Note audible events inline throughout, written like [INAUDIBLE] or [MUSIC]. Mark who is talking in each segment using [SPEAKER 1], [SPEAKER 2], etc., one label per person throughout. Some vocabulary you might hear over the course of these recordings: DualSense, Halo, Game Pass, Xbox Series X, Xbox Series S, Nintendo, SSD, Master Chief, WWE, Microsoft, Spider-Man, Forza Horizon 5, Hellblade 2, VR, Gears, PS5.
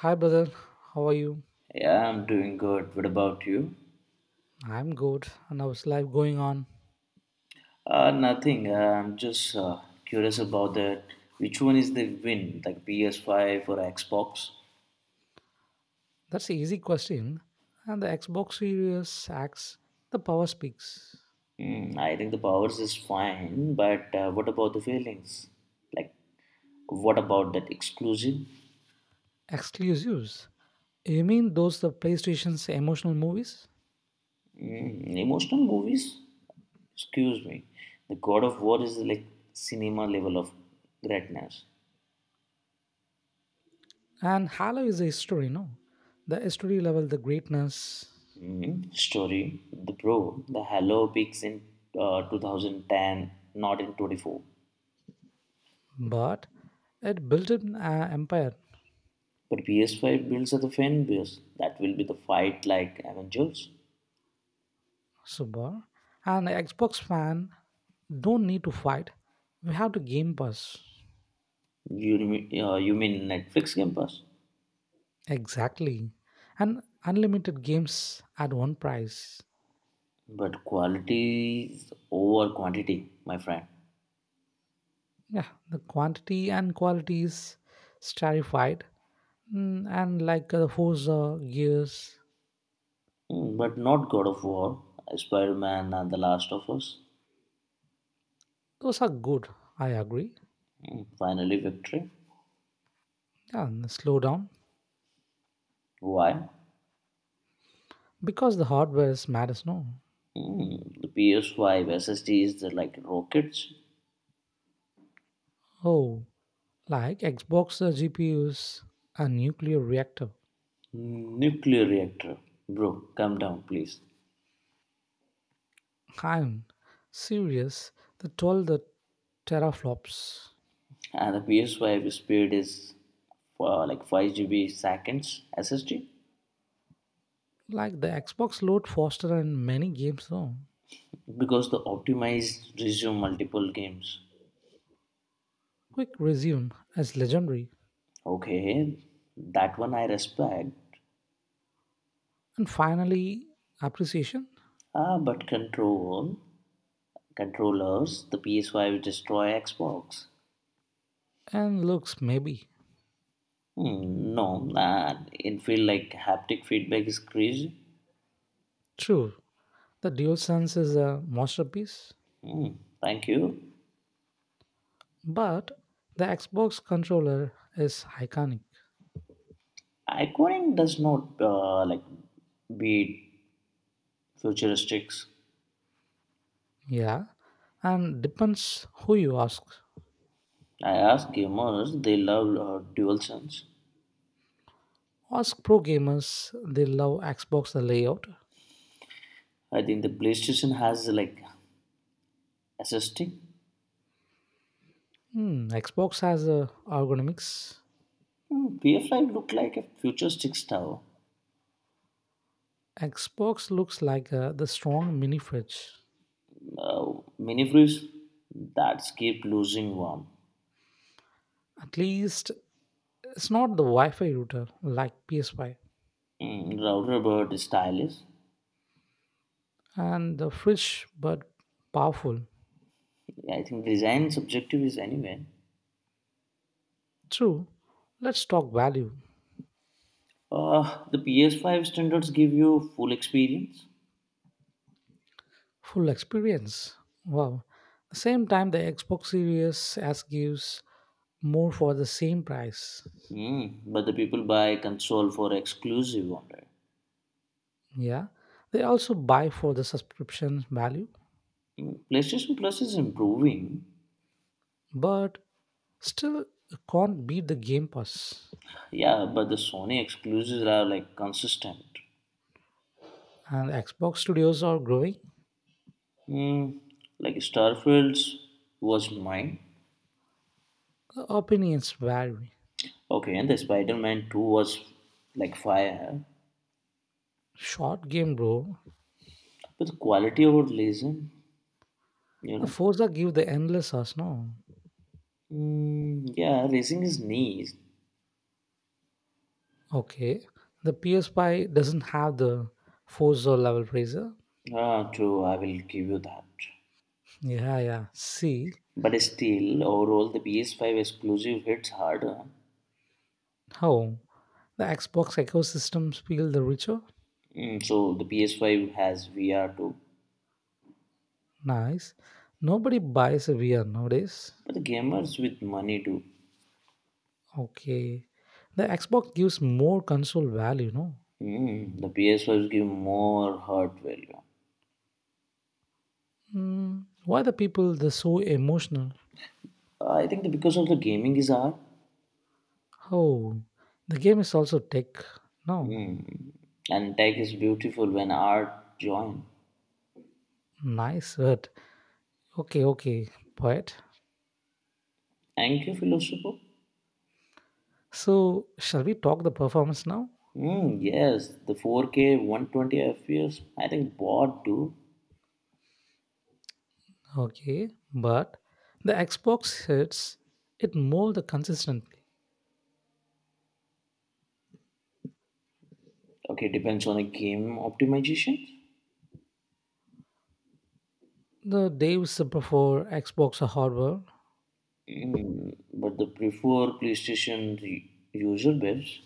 [SPEAKER 1] Hi, brother. How are you?
[SPEAKER 2] Yeah, I'm doing good. What about you?
[SPEAKER 1] I'm good. And how's life going on?
[SPEAKER 2] Nothing. I'm just curious about that. Which one is the win, like PS5 or Xbox?
[SPEAKER 1] That's an easy question. And the Xbox Series X, the power speaks.
[SPEAKER 2] Hmm, I think the powers is fine, but what about the feelings? Like, what about that exclusive?
[SPEAKER 1] Exclusives. You mean those the PlayStation's emotional movies?
[SPEAKER 2] Mm, emotional movies? Excuse me. The God of War is like cinema level of greatness.
[SPEAKER 1] And Halo is a history, no? The history level, the greatness.
[SPEAKER 2] Mm, story. The Pro. The Halo peaks in 2010, not in 24.
[SPEAKER 1] But it built an empire,
[SPEAKER 2] But PS5 builds are the fan base that will be the fight like Avengers.
[SPEAKER 1] Subar. And Xbox fan don't need to fight. We have to Game Pass.
[SPEAKER 2] You you mean Netflix Game Pass?
[SPEAKER 1] Exactly. And unlimited games at one price.
[SPEAKER 2] But quality is over quantity, my friend.
[SPEAKER 1] Yeah, the quantity and quality is stratified. And like Forza, Gears,
[SPEAKER 2] Mm, but not God of War, Spider Man, and The Last of Us.
[SPEAKER 1] those are good, I agree.
[SPEAKER 2] Mm, finally, victory.
[SPEAKER 1] Yeah, and the slow down
[SPEAKER 2] Why?
[SPEAKER 1] because the hardware is matters no.
[SPEAKER 2] Mm, the PS5 SSD is like rockets,
[SPEAKER 1] Oh, like Xbox GPUs, a nuclear reactor.
[SPEAKER 2] nuclear reactor. Bro, come down, please.
[SPEAKER 1] I'm serious. The 12 the teraflops.
[SPEAKER 2] And the PS5 speed is for like 5 GB seconds SSD
[SPEAKER 1] Like the Xbox load faster in many games though.
[SPEAKER 2] because the optimized resume multiple games.
[SPEAKER 1] Quick resume as legendary,
[SPEAKER 2] Okay, that one I respect.
[SPEAKER 1] and finally appreciation
[SPEAKER 2] Ah, but controllers, the PS5 destroy Xbox.
[SPEAKER 1] and looks maybe.
[SPEAKER 2] Hmm, no, nah, it feel like haptic feedback is crazy.
[SPEAKER 1] True, the DualSense is a masterpiece,
[SPEAKER 2] Hmm, thank you.
[SPEAKER 1] but the Xbox controller is iconic.
[SPEAKER 2] Iconing does not like beat futuristics.
[SPEAKER 1] Yeah, and depends who you ask.
[SPEAKER 2] I ask gamers, they love DualSense.
[SPEAKER 1] Ask pro gamers, they love Xbox the layout.
[SPEAKER 2] I think the PlayStation has like assisting.
[SPEAKER 1] Hmm, Xbox has a ergonomics.
[SPEAKER 2] Hmm, VFL looked like a futuristic style.
[SPEAKER 1] Xbox looks like the strong mini fridge.
[SPEAKER 2] Uh, Mini-breeze that keep losing warm.
[SPEAKER 1] At least it's not the Wi-Fi router like PS5.
[SPEAKER 2] Mm, router bird stylish.
[SPEAKER 1] And the fresh but powerful.
[SPEAKER 2] Yeah, I think design subjective is anyway.
[SPEAKER 1] True, let's talk value,
[SPEAKER 2] The PS5 standards give you full experience,
[SPEAKER 1] full experience. Wow, the same time the Xbox Series S gives more for the same price.
[SPEAKER 2] but the people buy console for exclusive on it.
[SPEAKER 1] Yeah, they also buy for the subscription value,
[SPEAKER 2] Mm, PlayStation Plus is improving,
[SPEAKER 1] but still can't beat the Game Pass.
[SPEAKER 2] yeah, but the Sony exclusives are like consistent.
[SPEAKER 1] And Xbox studios are growing.
[SPEAKER 2] Mm, like Starfields was mine.
[SPEAKER 1] The opinions vary.
[SPEAKER 2] Okay, and the Spider-Man 2 was like fire,
[SPEAKER 1] Short game, bro.
[SPEAKER 2] but the quality over Legend, you
[SPEAKER 1] The
[SPEAKER 2] know.
[SPEAKER 1] Forza give the endless us, no?
[SPEAKER 2] Mm, yeah, raising his knees.
[SPEAKER 1] Okay, the PS5 doesn't have the four-zone level pressure.
[SPEAKER 2] Ah, true, I will give you that.
[SPEAKER 1] Yeah, yeah. See
[SPEAKER 2] But still, overall, the PS5 exclusive hits harder.
[SPEAKER 1] how the Xbox ecosystems feel the richer.
[SPEAKER 2] Mm, so the PS5 has VR too,
[SPEAKER 1] Nice. Nobody buys a VR nowadays.
[SPEAKER 2] but the gamers with money too.
[SPEAKER 1] Okay, the Xbox gives more console value. No.
[SPEAKER 2] Mm, the PS5 give more hard value.
[SPEAKER 1] Mm, why the people they're so emotional?
[SPEAKER 2] I think that because of the gaming is art,
[SPEAKER 1] Oh, the game is also tech. No,
[SPEAKER 2] mm, and tech is beautiful when art join.
[SPEAKER 1] nice word. Okay, okay, poet.
[SPEAKER 2] Thank you, Philosopher.
[SPEAKER 1] So shall we talk the performance now?
[SPEAKER 2] Mm, yes, the 4K 120 FPS. I think bought too.
[SPEAKER 1] Okay, but the Xbox hits it more the consistently.
[SPEAKER 2] Okay, depends on the game optimization.
[SPEAKER 1] The days before Xbox hardware,
[SPEAKER 2] Mm, but the prefer PlayStation user base.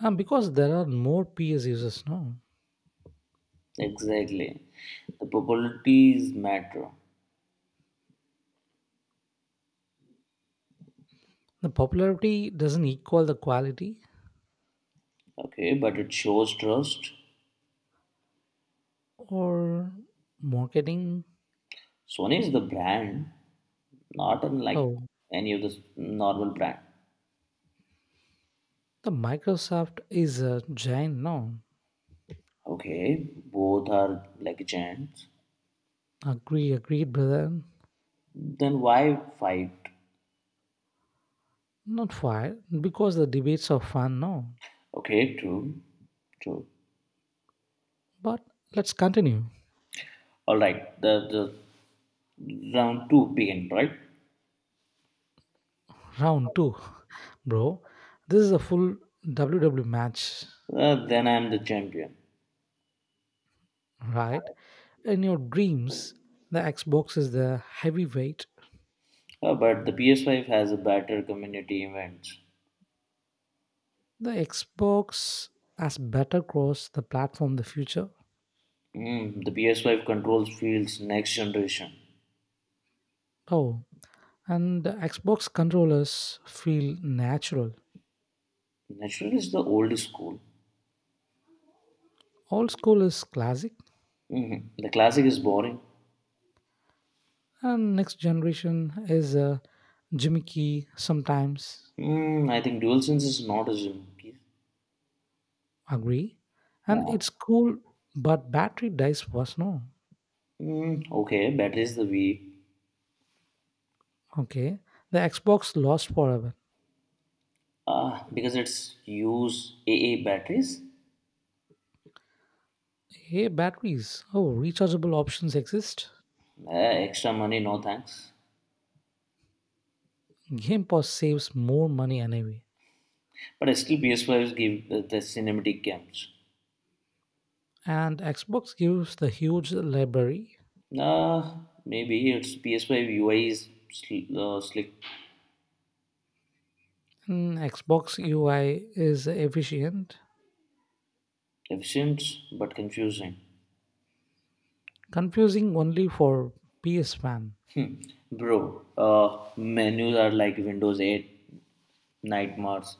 [SPEAKER 1] and because there are more PS users now,
[SPEAKER 2] Exactly. The popularities matter.
[SPEAKER 1] the popularity doesn't equal the quality
[SPEAKER 2] Okay, but it shows trust.
[SPEAKER 1] or marketing.
[SPEAKER 2] Sony is the brand, not unlike
[SPEAKER 1] Oh,
[SPEAKER 2] any of the normal brand.
[SPEAKER 1] the Microsoft is a giant now.
[SPEAKER 2] Okay, both are like giants.
[SPEAKER 1] Agree, agreed, brother.
[SPEAKER 2] Then why fight?
[SPEAKER 1] Not fire because the debates are fun now.
[SPEAKER 2] Okay, true, true.
[SPEAKER 1] But let's continue.
[SPEAKER 2] All right, the round two begin, right?
[SPEAKER 1] Round two, [LAUGHS] bro. This is a full WWE match,
[SPEAKER 2] Then I'm the champion.
[SPEAKER 1] right? In your dreams, the Xbox is the heavyweight.
[SPEAKER 2] But the PS5 has a better community events.
[SPEAKER 1] The Xbox has better cross the platform the future.
[SPEAKER 2] Mm, the PS5 controls fields next generation.
[SPEAKER 1] Oh, and the Xbox controllers feel natural.
[SPEAKER 2] Natural is the old school.
[SPEAKER 1] Old school is classic,
[SPEAKER 2] Mhm. The classic is boring.
[SPEAKER 1] and next generation is gimmicky sometimes.
[SPEAKER 2] Mm, I think DualSense is not as important.
[SPEAKER 1] Agree, and
[SPEAKER 2] Nah.
[SPEAKER 1] it's cool, but battery dies fast. No,
[SPEAKER 2] Mm, okay, batteries the V.
[SPEAKER 1] okay, the Xbox lost forever.
[SPEAKER 2] Ah, because it's use AA batteries.
[SPEAKER 1] Hey, batteries. Oh, rechargeable options exist.
[SPEAKER 2] Eh, extra money, no thanks.
[SPEAKER 1] Game Pass saves more money anyway.
[SPEAKER 2] But still, PS5 give the cinematic games.
[SPEAKER 1] And Xbox gives the huge library.
[SPEAKER 2] Uh, Maybe it's PS5 UI is slick,
[SPEAKER 1] Mm, Xbox UI is efficient,
[SPEAKER 2] efficient, but confusing.
[SPEAKER 1] confusing only for PS fan.
[SPEAKER 2] Bro, menus are like Windows 8 nightmares,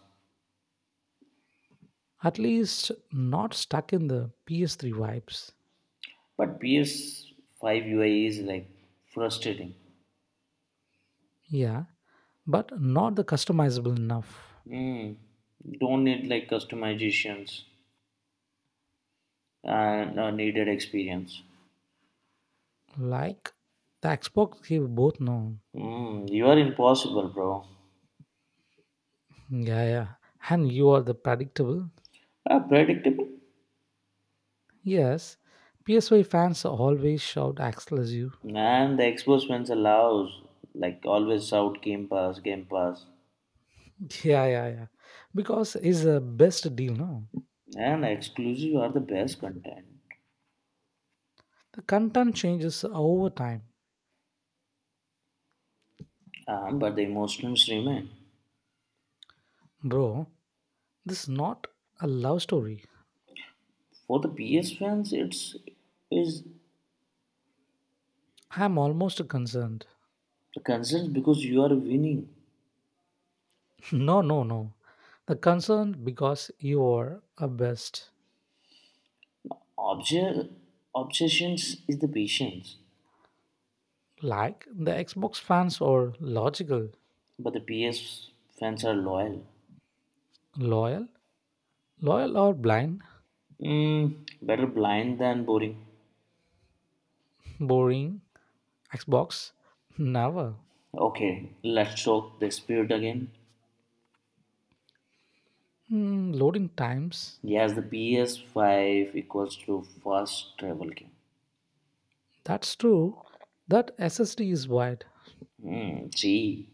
[SPEAKER 1] At least not stuck in the PS3 vibes.
[SPEAKER 2] but PS5 UI is like frustrating.
[SPEAKER 1] Yeah, but not the customizable enough.
[SPEAKER 2] Mm, don't need like customizations and needed experience.
[SPEAKER 1] Like the Xbox gave both no.
[SPEAKER 2] Mm, you are impossible, bro.
[SPEAKER 1] Yeah, yeah. And you are the predictable.
[SPEAKER 2] Predictable?
[SPEAKER 1] Yes, PSY fans always shout Axel as you.
[SPEAKER 2] And the exposments allows, like always shout Game Pass, Game Pass.
[SPEAKER 1] [LAUGHS] Yeah, yeah, yeah. Because it's the best deal, no?
[SPEAKER 2] And exclusive are the best content.
[SPEAKER 1] The content changes over time.
[SPEAKER 2] But the emotions remain.
[SPEAKER 1] Bro, this is not a love story.
[SPEAKER 2] For the PS fans, it's is
[SPEAKER 1] I am almost concerned.
[SPEAKER 2] the concern because you are winning.
[SPEAKER 1] [LAUGHS] No, no, no. The concern because you are a best.
[SPEAKER 2] Obje- Obsessions is the patience,
[SPEAKER 1] Like the Xbox fans are logical,
[SPEAKER 2] but the PS fans are loyal.
[SPEAKER 1] loyal, loyal or blind,
[SPEAKER 2] Mm, better blind than boring.
[SPEAKER 1] boring. Xbox, never.
[SPEAKER 2] Okay, let's talk the spirit again.
[SPEAKER 1] Hmm, loading times.
[SPEAKER 2] Yes, the PS5 equals to fast travel game.
[SPEAKER 1] That's true that SSD is wide,
[SPEAKER 2] Mm, see.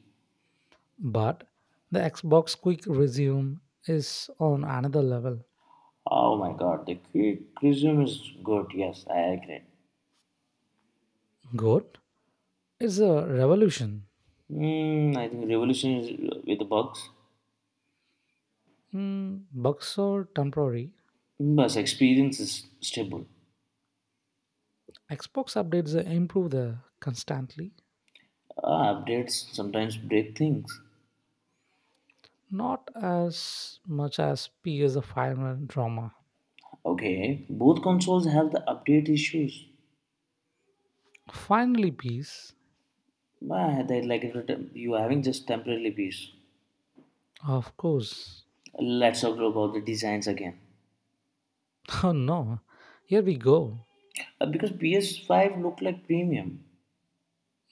[SPEAKER 1] but the Xbox Quick Resume is on another level.
[SPEAKER 2] Oh my god, the criticism is good. Yes, I agree.
[SPEAKER 1] Good. It's a revolution.
[SPEAKER 2] Mm, I think revolution is with the bugs,
[SPEAKER 1] Mm, bugs are temporary.
[SPEAKER 2] but experience is stable.
[SPEAKER 1] Xbox updates improve the constantly,
[SPEAKER 2] Updates sometimes break things.
[SPEAKER 1] not as much as PS firmware drama.
[SPEAKER 2] Okay, both consoles have the update issues.
[SPEAKER 1] Finally, peace.
[SPEAKER 2] But they like it, you having just temporarily peace.
[SPEAKER 1] Of course.
[SPEAKER 2] Let's talk about the designs again.
[SPEAKER 1] [LAUGHS] Oh no. Here we go.
[SPEAKER 2] Because PS5 look like premium.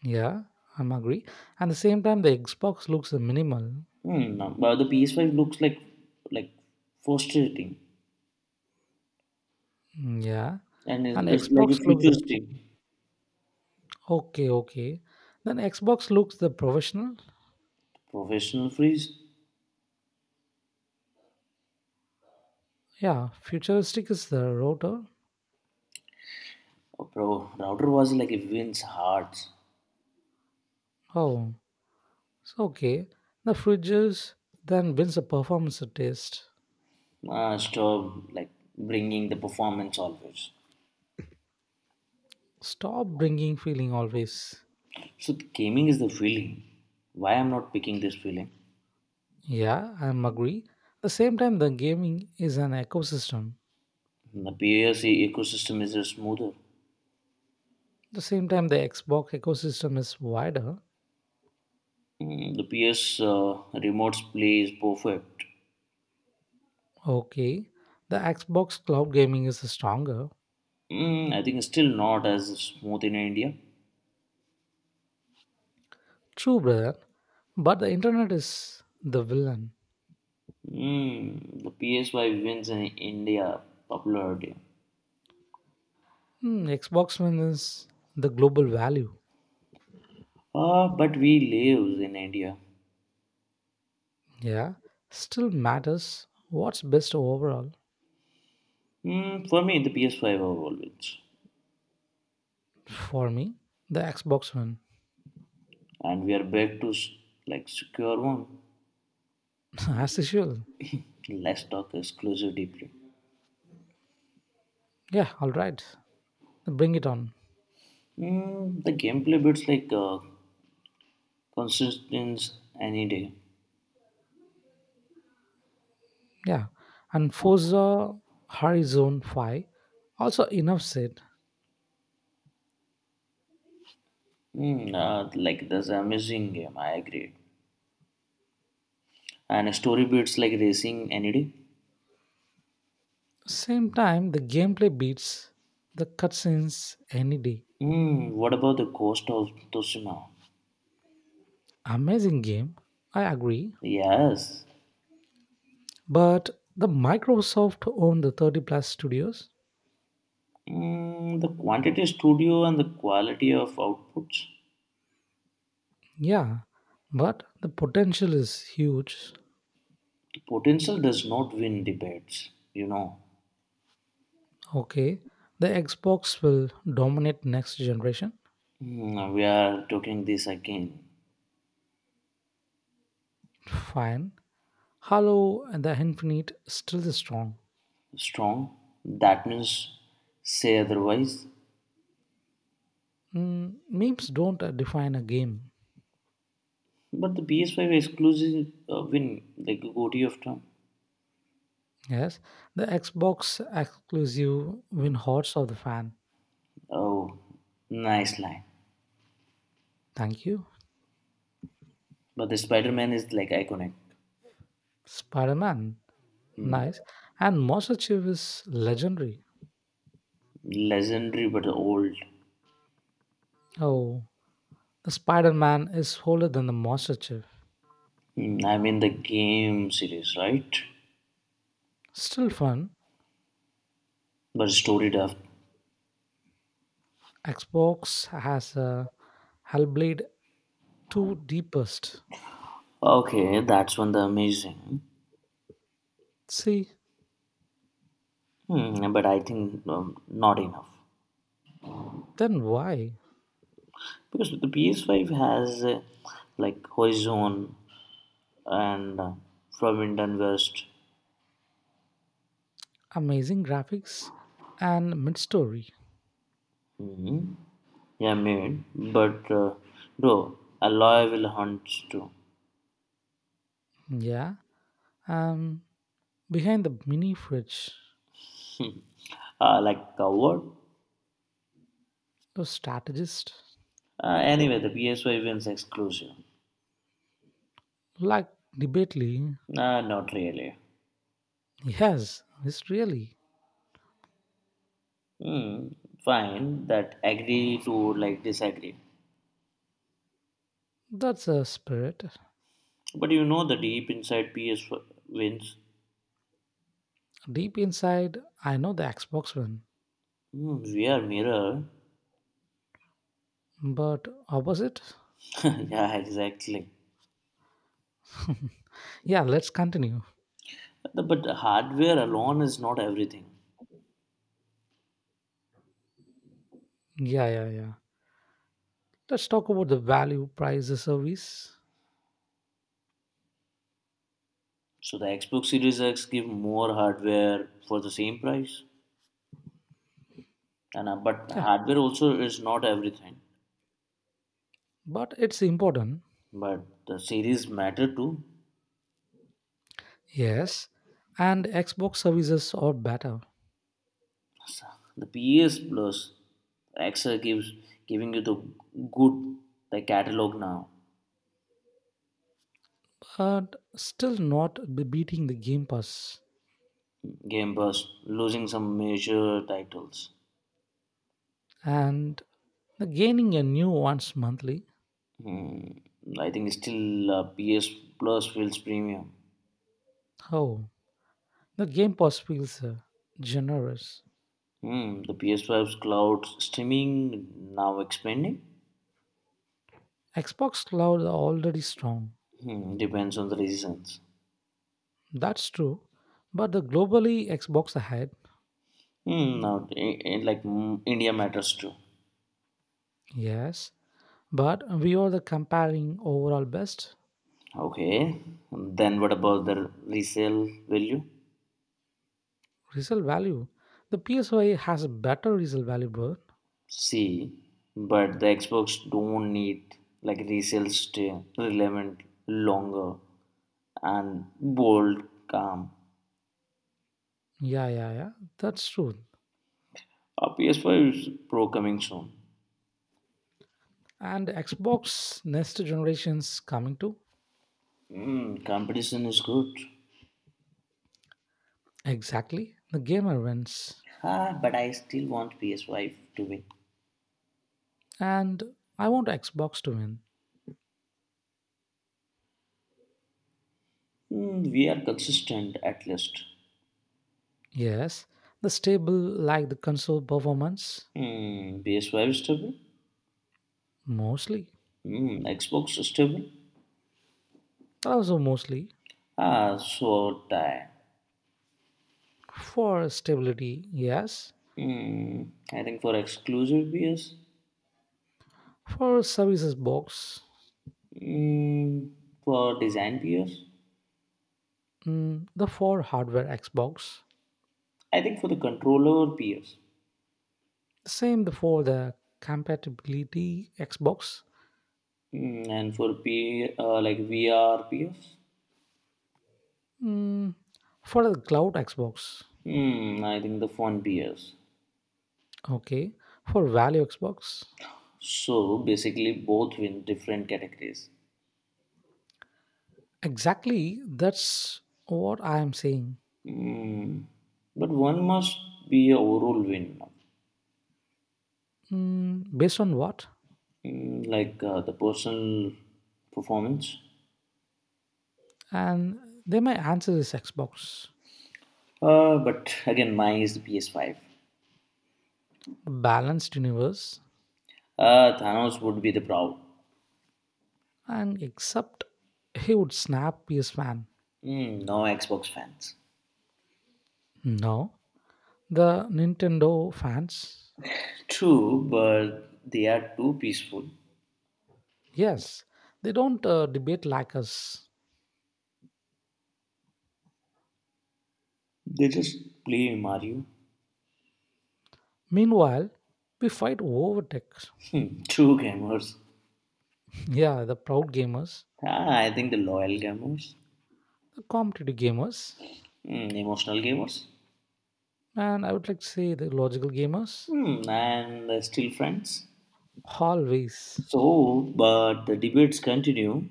[SPEAKER 1] Yeah, I'm agree. At the same time, the Xbox looks minimal.
[SPEAKER 2] Hmm, no, but the PS5 looks like frustrating.
[SPEAKER 1] Mm, yeah,
[SPEAKER 2] And it's,
[SPEAKER 1] and
[SPEAKER 2] it's like
[SPEAKER 1] Xbox
[SPEAKER 2] a
[SPEAKER 1] look the
[SPEAKER 2] futuristic
[SPEAKER 1] okay, okay. Then Xbox looks the professional.
[SPEAKER 2] professional freeze.
[SPEAKER 1] Yeah, futuristic is the rotor.
[SPEAKER 2] Oh, bro, router was like a wins hearts.
[SPEAKER 1] Oh, it's okay. The fridges then wins a performance test.
[SPEAKER 2] Ah, stop, like bringing the performance always.
[SPEAKER 1] Stop bringing feeling always.
[SPEAKER 2] So the gaming is the feeling. Why I'm not picking this feeling?
[SPEAKER 1] Yeah, I'm agree. The same time, the gaming is an ecosystem.
[SPEAKER 2] The PS ecosystem is smoother.
[SPEAKER 1] The same time, the Xbox ecosystem is wider.
[SPEAKER 2] Mm, the PS remote play is perfect.
[SPEAKER 1] Okay, the Xbox cloud gaming is stronger.
[SPEAKER 2] Mm, I think it's still not as smooth in India.
[SPEAKER 1] True, brother. But the internet is the villain.
[SPEAKER 2] Mm, the PSY wins in India popularity.
[SPEAKER 1] Hmm, Xbox One is the global value.
[SPEAKER 2] Ah, but we live in India.
[SPEAKER 1] Yeah, still matters what's best overall
[SPEAKER 2] Mm, for me, the PS5 overall wins,
[SPEAKER 1] for me. The Xbox One,
[SPEAKER 2] and we are back to like secure one.
[SPEAKER 1] [LAUGHS] as usual.
[SPEAKER 2] Let's talk exclusive deeply.
[SPEAKER 1] Yeah, all right, bring it on.
[SPEAKER 2] Mm, the gameplay bits like consistency any day.
[SPEAKER 1] Yeah, and Forza Horizon 5 also enough said.
[SPEAKER 2] Mm, like that's an amazing game. I agree. And story bits like racing any day.
[SPEAKER 1] Same time, the gameplay beats the cutscenes any day.
[SPEAKER 2] Mm, what about the cost of Toshima?
[SPEAKER 1] Amazing game, I agree.
[SPEAKER 2] Yes.
[SPEAKER 1] But the Microsoft owned the 30 plus studios.
[SPEAKER 2] Mm, the quantity studio and the quality of outputs.
[SPEAKER 1] Yeah, but the potential is huge.
[SPEAKER 2] The potential does not win debates. You know.
[SPEAKER 1] Okay, the Xbox will dominate next generation.
[SPEAKER 2] Hmm, we are talking this again.
[SPEAKER 1] Fine. Halo and the Infinite still is strong.
[SPEAKER 2] Strong. That means say otherwise.
[SPEAKER 1] Mm, memes don't define a game.
[SPEAKER 2] But the PS5 exclusive win, like Goti of Trump.
[SPEAKER 1] Yes, the Xbox exclusive win hearts of the fan.
[SPEAKER 2] Oh, nice line.
[SPEAKER 1] Thank you.
[SPEAKER 2] But the Spider Man is like iconic.
[SPEAKER 1] Spider-Man,
[SPEAKER 2] Hmm.
[SPEAKER 1] nice. And Master Chief is legendary.
[SPEAKER 2] Legendary but old.
[SPEAKER 1] Oh, the Spider-Man is older than the Master Chief.
[SPEAKER 2] Hmm, I mean the game series, right?
[SPEAKER 1] Still fun,
[SPEAKER 2] But story depth.
[SPEAKER 1] Xbox has a Hellblade 2 deepest.
[SPEAKER 2] Okay, that's one the amazing.
[SPEAKER 1] See,
[SPEAKER 2] Hmm, but I think not enough
[SPEAKER 1] then why?
[SPEAKER 2] because the PS5 has like Horizon, and from Indian West.
[SPEAKER 1] Amazing graphics and mid-story.
[SPEAKER 2] Mhm. Yeah, mate. But bro, a lawyer will hunt too.
[SPEAKER 1] Yeah, um, behind the mini fridge,
[SPEAKER 2] [LAUGHS] Like what?
[SPEAKER 1] a strategist
[SPEAKER 2] Anyway, the PSY wins exclusive.
[SPEAKER 1] like debately.
[SPEAKER 2] Not really.
[SPEAKER 1] Yes, it's really
[SPEAKER 2] Hmm, fine, that agree to like disagree.
[SPEAKER 1] that's a spirit.
[SPEAKER 2] But you know the deep inside PS wins.
[SPEAKER 1] Deep inside, I know the Xbox one,
[SPEAKER 2] Hmm, we are mirror.
[SPEAKER 1] but opposite.
[SPEAKER 2] [LAUGHS] yeah, exactly.
[SPEAKER 1] Yeah, let's continue.
[SPEAKER 2] But hardware alone is not everything.
[SPEAKER 1] Yeah, yeah, yeah. Let's talk about the value price the service.
[SPEAKER 2] So the Xbox Series X give more hardware for the same price, and but hardware also is not everything.
[SPEAKER 1] But it's important.
[SPEAKER 2] But the series matter too.
[SPEAKER 1] Yes, and Xbox services are better,
[SPEAKER 2] The PS Plus XL gives giving you good the catalog now.
[SPEAKER 1] but still not be- beating the Game Pass
[SPEAKER 2] Game Pass losing some major titles.
[SPEAKER 1] and the gaining a new once monthly.
[SPEAKER 2] Hmm. I think still PS Plus feels premium.
[SPEAKER 1] Oh, the Game Pass feels generous.
[SPEAKER 2] Hmm. The PS5's cloud streaming now expanding.
[SPEAKER 1] Xbox cloud are already strong.
[SPEAKER 2] Hmm. Depends on the reasons.
[SPEAKER 1] That's true, but the globally Xbox ahead.
[SPEAKER 2] Hmm, now, India matters too.
[SPEAKER 1] Yes, but we are the comparing overall best
[SPEAKER 2] Okay, then what about the resale value?
[SPEAKER 1] result value. The PSY has a better result value, but
[SPEAKER 2] See, but the Xbox don't need like resale stay relevant longer and bold, calm.
[SPEAKER 1] yeah, yeah, yeah, that's true.
[SPEAKER 2] A PS5 is Pro coming soon.
[SPEAKER 1] And Xbox next generation's coming to
[SPEAKER 2] Mm, competition is good.
[SPEAKER 1] exactly the gamer wins.
[SPEAKER 2] Ah, but I still want PS5 to win.
[SPEAKER 1] And I want Xbox to win.
[SPEAKER 2] Mm, we are consistent at least.
[SPEAKER 1] Yes, the stable like the console performance
[SPEAKER 2] Hmm, PS5 is stable.
[SPEAKER 1] mostly.
[SPEAKER 2] Hmm, Xbox is stable.
[SPEAKER 1] Also mostly
[SPEAKER 2] Ah, so tie.
[SPEAKER 1] for stability, yes.
[SPEAKER 2] Mm, I think for exclusive peers,
[SPEAKER 1] For services box,
[SPEAKER 2] mm, for design peers,
[SPEAKER 1] mm, the for hardware Xbox.
[SPEAKER 2] I think for the controller peers,
[SPEAKER 1] Same the for the compatibility Xbox.
[SPEAKER 2] and for P like VR peers,
[SPEAKER 1] Mm, for the cloud Xbox.
[SPEAKER 2] I think the phone peers.
[SPEAKER 1] Okay. For value Xbox.
[SPEAKER 2] So basically, both win different categories.
[SPEAKER 1] Exactly, that's what I am saying.
[SPEAKER 2] Mm, but one must be a overall win,
[SPEAKER 1] Mm, based on what?
[SPEAKER 2] like the personal performance.
[SPEAKER 1] And then my answer is Xbox,
[SPEAKER 2] But again, mine is the PS5.
[SPEAKER 1] balanced universe,
[SPEAKER 2] Thanos would be the proud.
[SPEAKER 1] and except he would snap PS fan.
[SPEAKER 2] Hmm, no Xbox fans.
[SPEAKER 1] No, the Nintendo fans.
[SPEAKER 2] True, but they are too peaceful.
[SPEAKER 1] Yes, they don't debate like us.
[SPEAKER 2] They just play Mario.
[SPEAKER 1] Meanwhile, we fight over tech.
[SPEAKER 2] Hmm, [LAUGHS] true gamers.
[SPEAKER 1] [LAUGHS] Yeah, the proud gamers,
[SPEAKER 2] Ah, I think the loyal gamers,
[SPEAKER 1] the competitive gamers,
[SPEAKER 2] Hmm, emotional gamers,
[SPEAKER 1] and I would like to say the logical gamers.
[SPEAKER 2] Hmm, and still friends.
[SPEAKER 1] Always.
[SPEAKER 2] So, but the debates continue.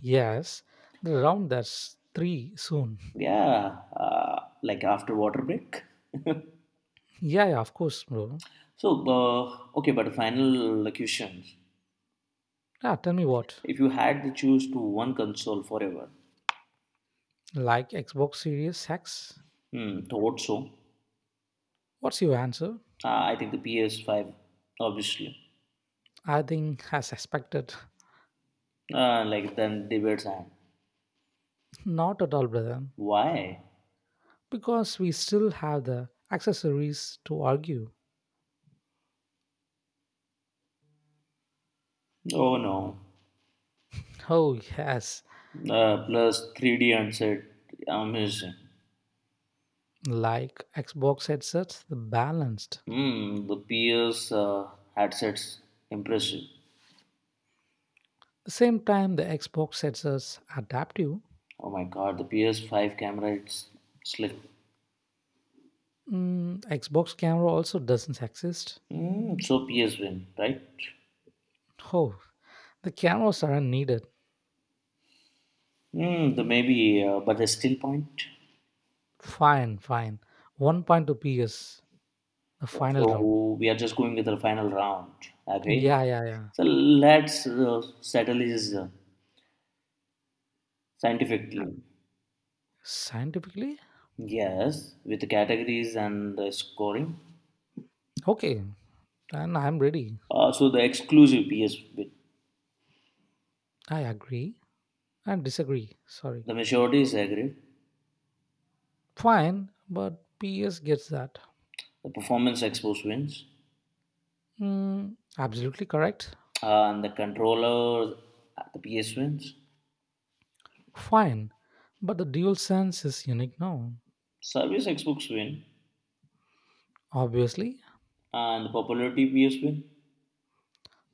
[SPEAKER 1] Yes, the round that's three soon. [LAUGHS]
[SPEAKER 2] Yeah, like after water break. [LAUGHS]
[SPEAKER 1] Yeah, yeah, of course, bro.
[SPEAKER 2] so, okay, but final question.
[SPEAKER 1] Yeah, tell me what.
[SPEAKER 2] If you had to choose to one console forever,
[SPEAKER 1] Like Xbox Series X?
[SPEAKER 2] hmm, thought so.
[SPEAKER 1] What's your answer?
[SPEAKER 2] I think the PS5, obviously.
[SPEAKER 1] I think, as expected,
[SPEAKER 2] Like then debates and
[SPEAKER 1] [LAUGHS] not at all, brother.
[SPEAKER 2] why?
[SPEAKER 1] Because we still have the accessories to argue.
[SPEAKER 2] Oh no.
[SPEAKER 1] Oh, yes,
[SPEAKER 2] Plus 3D handset, amazing.
[SPEAKER 1] like Xbox headsets, the balanced.
[SPEAKER 2] Hmm, the PS headsets, impressive.
[SPEAKER 1] The same time, the Xbox headsets adaptive.
[SPEAKER 2] Oh my god, the PS5 camera, it's slick.
[SPEAKER 1] Mm, Xbox camera also doesn't exist.
[SPEAKER 2] Hmm, so PS win, right?
[SPEAKER 1] Oh, the cameras aren't needed.
[SPEAKER 2] Hmm, the maybe, but the still point.
[SPEAKER 1] Fine, fine. 1 point to PS, the final round.
[SPEAKER 2] So we are just going with the final round. Agree?
[SPEAKER 1] Yeah, yeah, yeah.
[SPEAKER 2] So let's settle this
[SPEAKER 1] Yeah.
[SPEAKER 2] scientifically.
[SPEAKER 1] Scientifically?
[SPEAKER 2] Yes, with the categories and the scoring.
[SPEAKER 1] Okay. Then I'm ready.
[SPEAKER 2] So the exclusive PS bit.
[SPEAKER 1] I agree and disagree. Sorry.
[SPEAKER 2] The majority is agreed.
[SPEAKER 1] Fine, but PS gets that.
[SPEAKER 2] The performance Xbox wins.
[SPEAKER 1] Mm, absolutely correct.
[SPEAKER 2] And the controller, the PS wins.
[SPEAKER 1] Fine. But the dual sense is unique now.
[SPEAKER 2] Service Xbox win.
[SPEAKER 1] Obviously.
[SPEAKER 2] And the popularity PS win.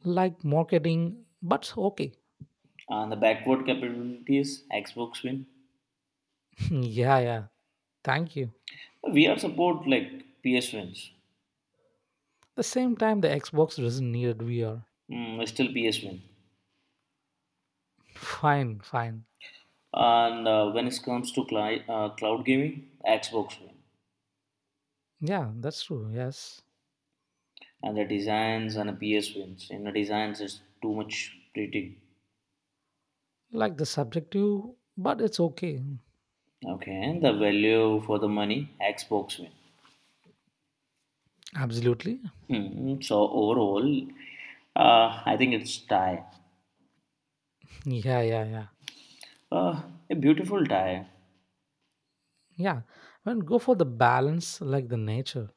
[SPEAKER 1] Like marketing, but okay.
[SPEAKER 2] And the backward capabilities Xbox win.
[SPEAKER 1] [LAUGHS] Yeah, yeah. Thank you.
[SPEAKER 2] VR support like PS wins.
[SPEAKER 1] The same time the Xbox doesn't need VR.
[SPEAKER 2] Mm, still PS win.
[SPEAKER 1] Fine, fine.
[SPEAKER 2] And when it comes to cloud gaming, Xbox win.
[SPEAKER 1] Yeah, that's true. Yes.
[SPEAKER 2] And the designs and the PS wins. In the designs, it's too much pretty.
[SPEAKER 1] Like the subjective, but it's okay.
[SPEAKER 2] Okay, and the value for the money, Xbox win.
[SPEAKER 1] Absolutely.
[SPEAKER 2] Hmm. So overall, I think it's tie.
[SPEAKER 1] Yeah, yeah, yeah.
[SPEAKER 2] Uh, a beautiful tie.
[SPEAKER 1] Yeah. And go for the balance like the nature.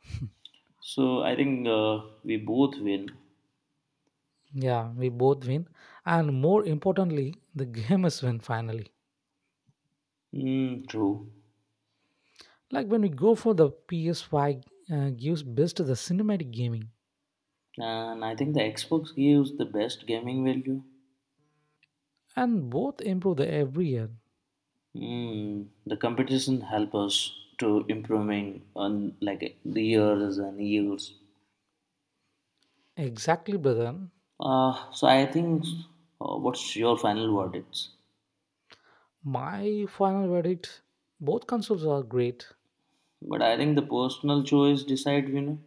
[SPEAKER 2] So I think we both win.
[SPEAKER 1] Yeah, we both win. And more importantly, the game is win finally.
[SPEAKER 2] Hmm. True.
[SPEAKER 1] Like when we go for the PS5 gives best to the cinematic gaming
[SPEAKER 2] And I think the Xbox gives the best gaming value.
[SPEAKER 1] and both improve the every year.
[SPEAKER 2] Hmm. The competition help us to improving on like years and years.
[SPEAKER 1] Exactly, brother.
[SPEAKER 2] So I think, what's your final verdicts?
[SPEAKER 1] My final verdict both consoles are great.
[SPEAKER 2] But I think the personal choice decide winner.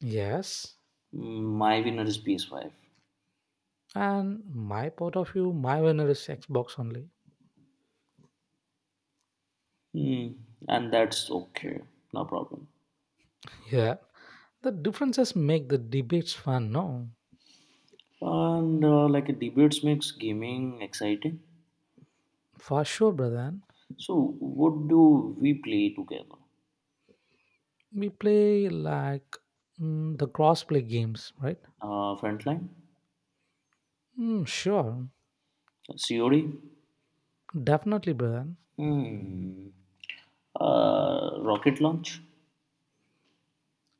[SPEAKER 1] Yes.
[SPEAKER 2] Mm, my winner is PS5.
[SPEAKER 1] And my part of you, my winner is Xbox only.
[SPEAKER 2] Hmm, and that's okay, no problem.
[SPEAKER 1] Yeah. The differences make the debates fun, no?
[SPEAKER 2] And like a debates makes gaming exciting.
[SPEAKER 1] For sure, brother.
[SPEAKER 2] So what do we play together?
[SPEAKER 1] We play like mm, the cross-play games, right?
[SPEAKER 2] Frontline,
[SPEAKER 1] Mm, sure,
[SPEAKER 2] COD,
[SPEAKER 1] definitely, brother.
[SPEAKER 2] hmm, rocket launch.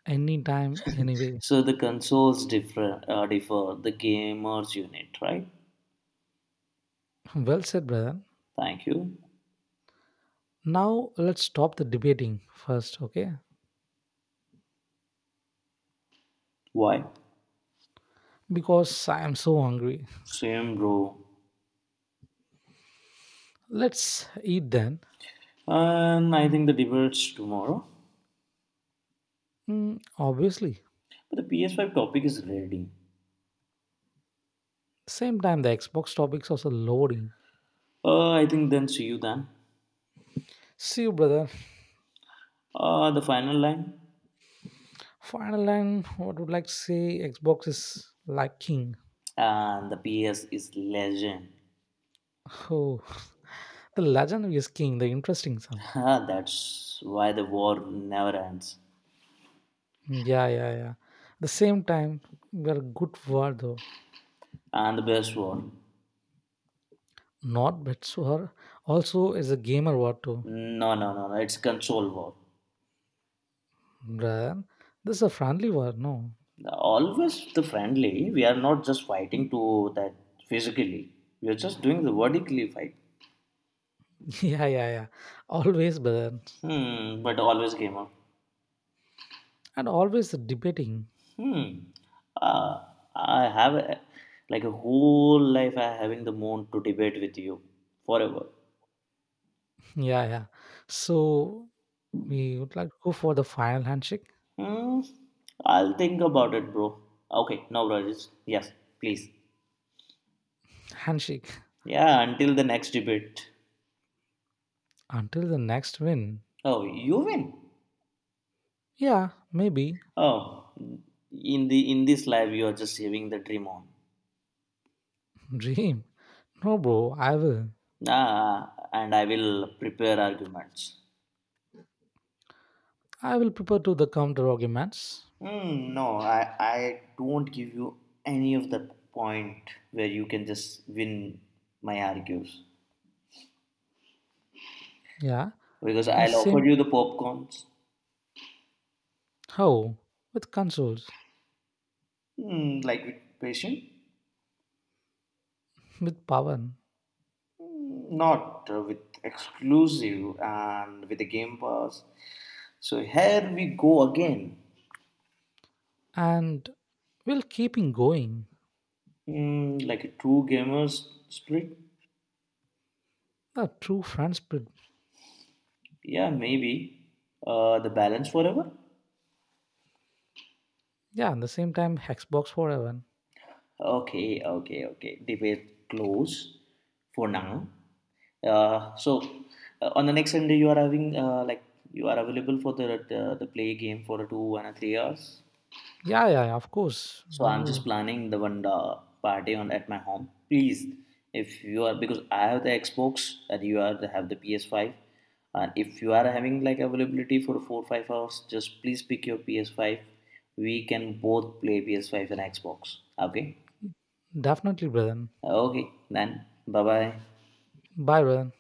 [SPEAKER 1] Anytime, anyway.
[SPEAKER 2] So the consoles differ. Differ the gamers unit, right?
[SPEAKER 1] [LAUGHS] Well said, brother.
[SPEAKER 2] Thank you.
[SPEAKER 1] Now let's stop the debating first, okay?
[SPEAKER 2] Why?
[SPEAKER 1] Because I am so hungry.
[SPEAKER 2] Same, bro.
[SPEAKER 1] Let's eat then.
[SPEAKER 2] And I think the debate's tomorrow.
[SPEAKER 1] Mm, obviously.
[SPEAKER 2] But the PS5 topic is ready.
[SPEAKER 1] Same time, the Xbox topics also loading.
[SPEAKER 2] I think then see you then.
[SPEAKER 1] See you, brother.
[SPEAKER 2] The final line.
[SPEAKER 1] Final line, what would like to say? Xbox is like king.
[SPEAKER 2] And the PS is legend.
[SPEAKER 1] [LAUGHS] Oh, the legend is king, the interesting song.
[SPEAKER 2] [LAUGHS] That's why the war never ends.
[SPEAKER 1] Yeah, yeah, yeah. The same time, we're good word though.
[SPEAKER 2] And the best war.
[SPEAKER 1] Not bad sword. Also is a gamer word too.
[SPEAKER 2] No, no, no, no. It's console war.
[SPEAKER 1] Brother. This is a friendly word, no?
[SPEAKER 2] Always the friendly. We are not just fighting to that physically. We are just doing the vertically fight.
[SPEAKER 1] [LAUGHS] Yeah, yeah, yeah. Always, brother.
[SPEAKER 2] Hmm, but always gamer.
[SPEAKER 1] And always debating.
[SPEAKER 2] Hmm. Uh, I have like a whole life I having the moon to debate with you forever.
[SPEAKER 1] [LAUGHS] Yeah, yeah. So we would like to go for the final handshake.
[SPEAKER 2] Hmm. I'll think about it, bro. Okay, no worries. Yes, please.
[SPEAKER 1] Handshake.
[SPEAKER 2] Yeah, until the next debate.
[SPEAKER 1] Until the next win.
[SPEAKER 2] Oh, you win.
[SPEAKER 1] Yeah, maybe.
[SPEAKER 2] Oh, in this life you are just having the dream on.
[SPEAKER 1] [LAUGHS] Dream. No bro, I will.
[SPEAKER 2] And I will prepare arguments.
[SPEAKER 1] I will prepare to the counter arguments.
[SPEAKER 2] Hmm, no, I don't give you any of the point where you can just win my argues
[SPEAKER 1] Yeah.
[SPEAKER 2] because
[SPEAKER 1] At the
[SPEAKER 2] I'll offer
[SPEAKER 1] same
[SPEAKER 2] you the popcorns,
[SPEAKER 1] how? With consoles,
[SPEAKER 2] like with patient,
[SPEAKER 1] with power,
[SPEAKER 2] not with exclusive and with the Game Pass. So here we go again,
[SPEAKER 1] and we'll keeping going.
[SPEAKER 2] like a true gamer's spirit.
[SPEAKER 1] The true friend spirit.
[SPEAKER 2] Yeah, maybe the balance forever.
[SPEAKER 1] Yeah, at the same time, Xbox forever.
[SPEAKER 2] Okay, okay, okay. They were close for now. So on the next Sunday, you are having like you are available for the play game for a two and a 3 hours.
[SPEAKER 1] Yeah, yeah, yeah, of course.
[SPEAKER 2] So
[SPEAKER 1] When
[SPEAKER 2] I'm just
[SPEAKER 1] you
[SPEAKER 2] planning the one party on at my home. Please, if you are because I have the Xbox and you are have the PS5, and if you are having like availability for 4 5 hours, just please pick your PS5. We can both play PS5 and Xbox. Okay.
[SPEAKER 1] definitely, brother.
[SPEAKER 2] Okay, then. Bye bye.
[SPEAKER 1] Bye, brother.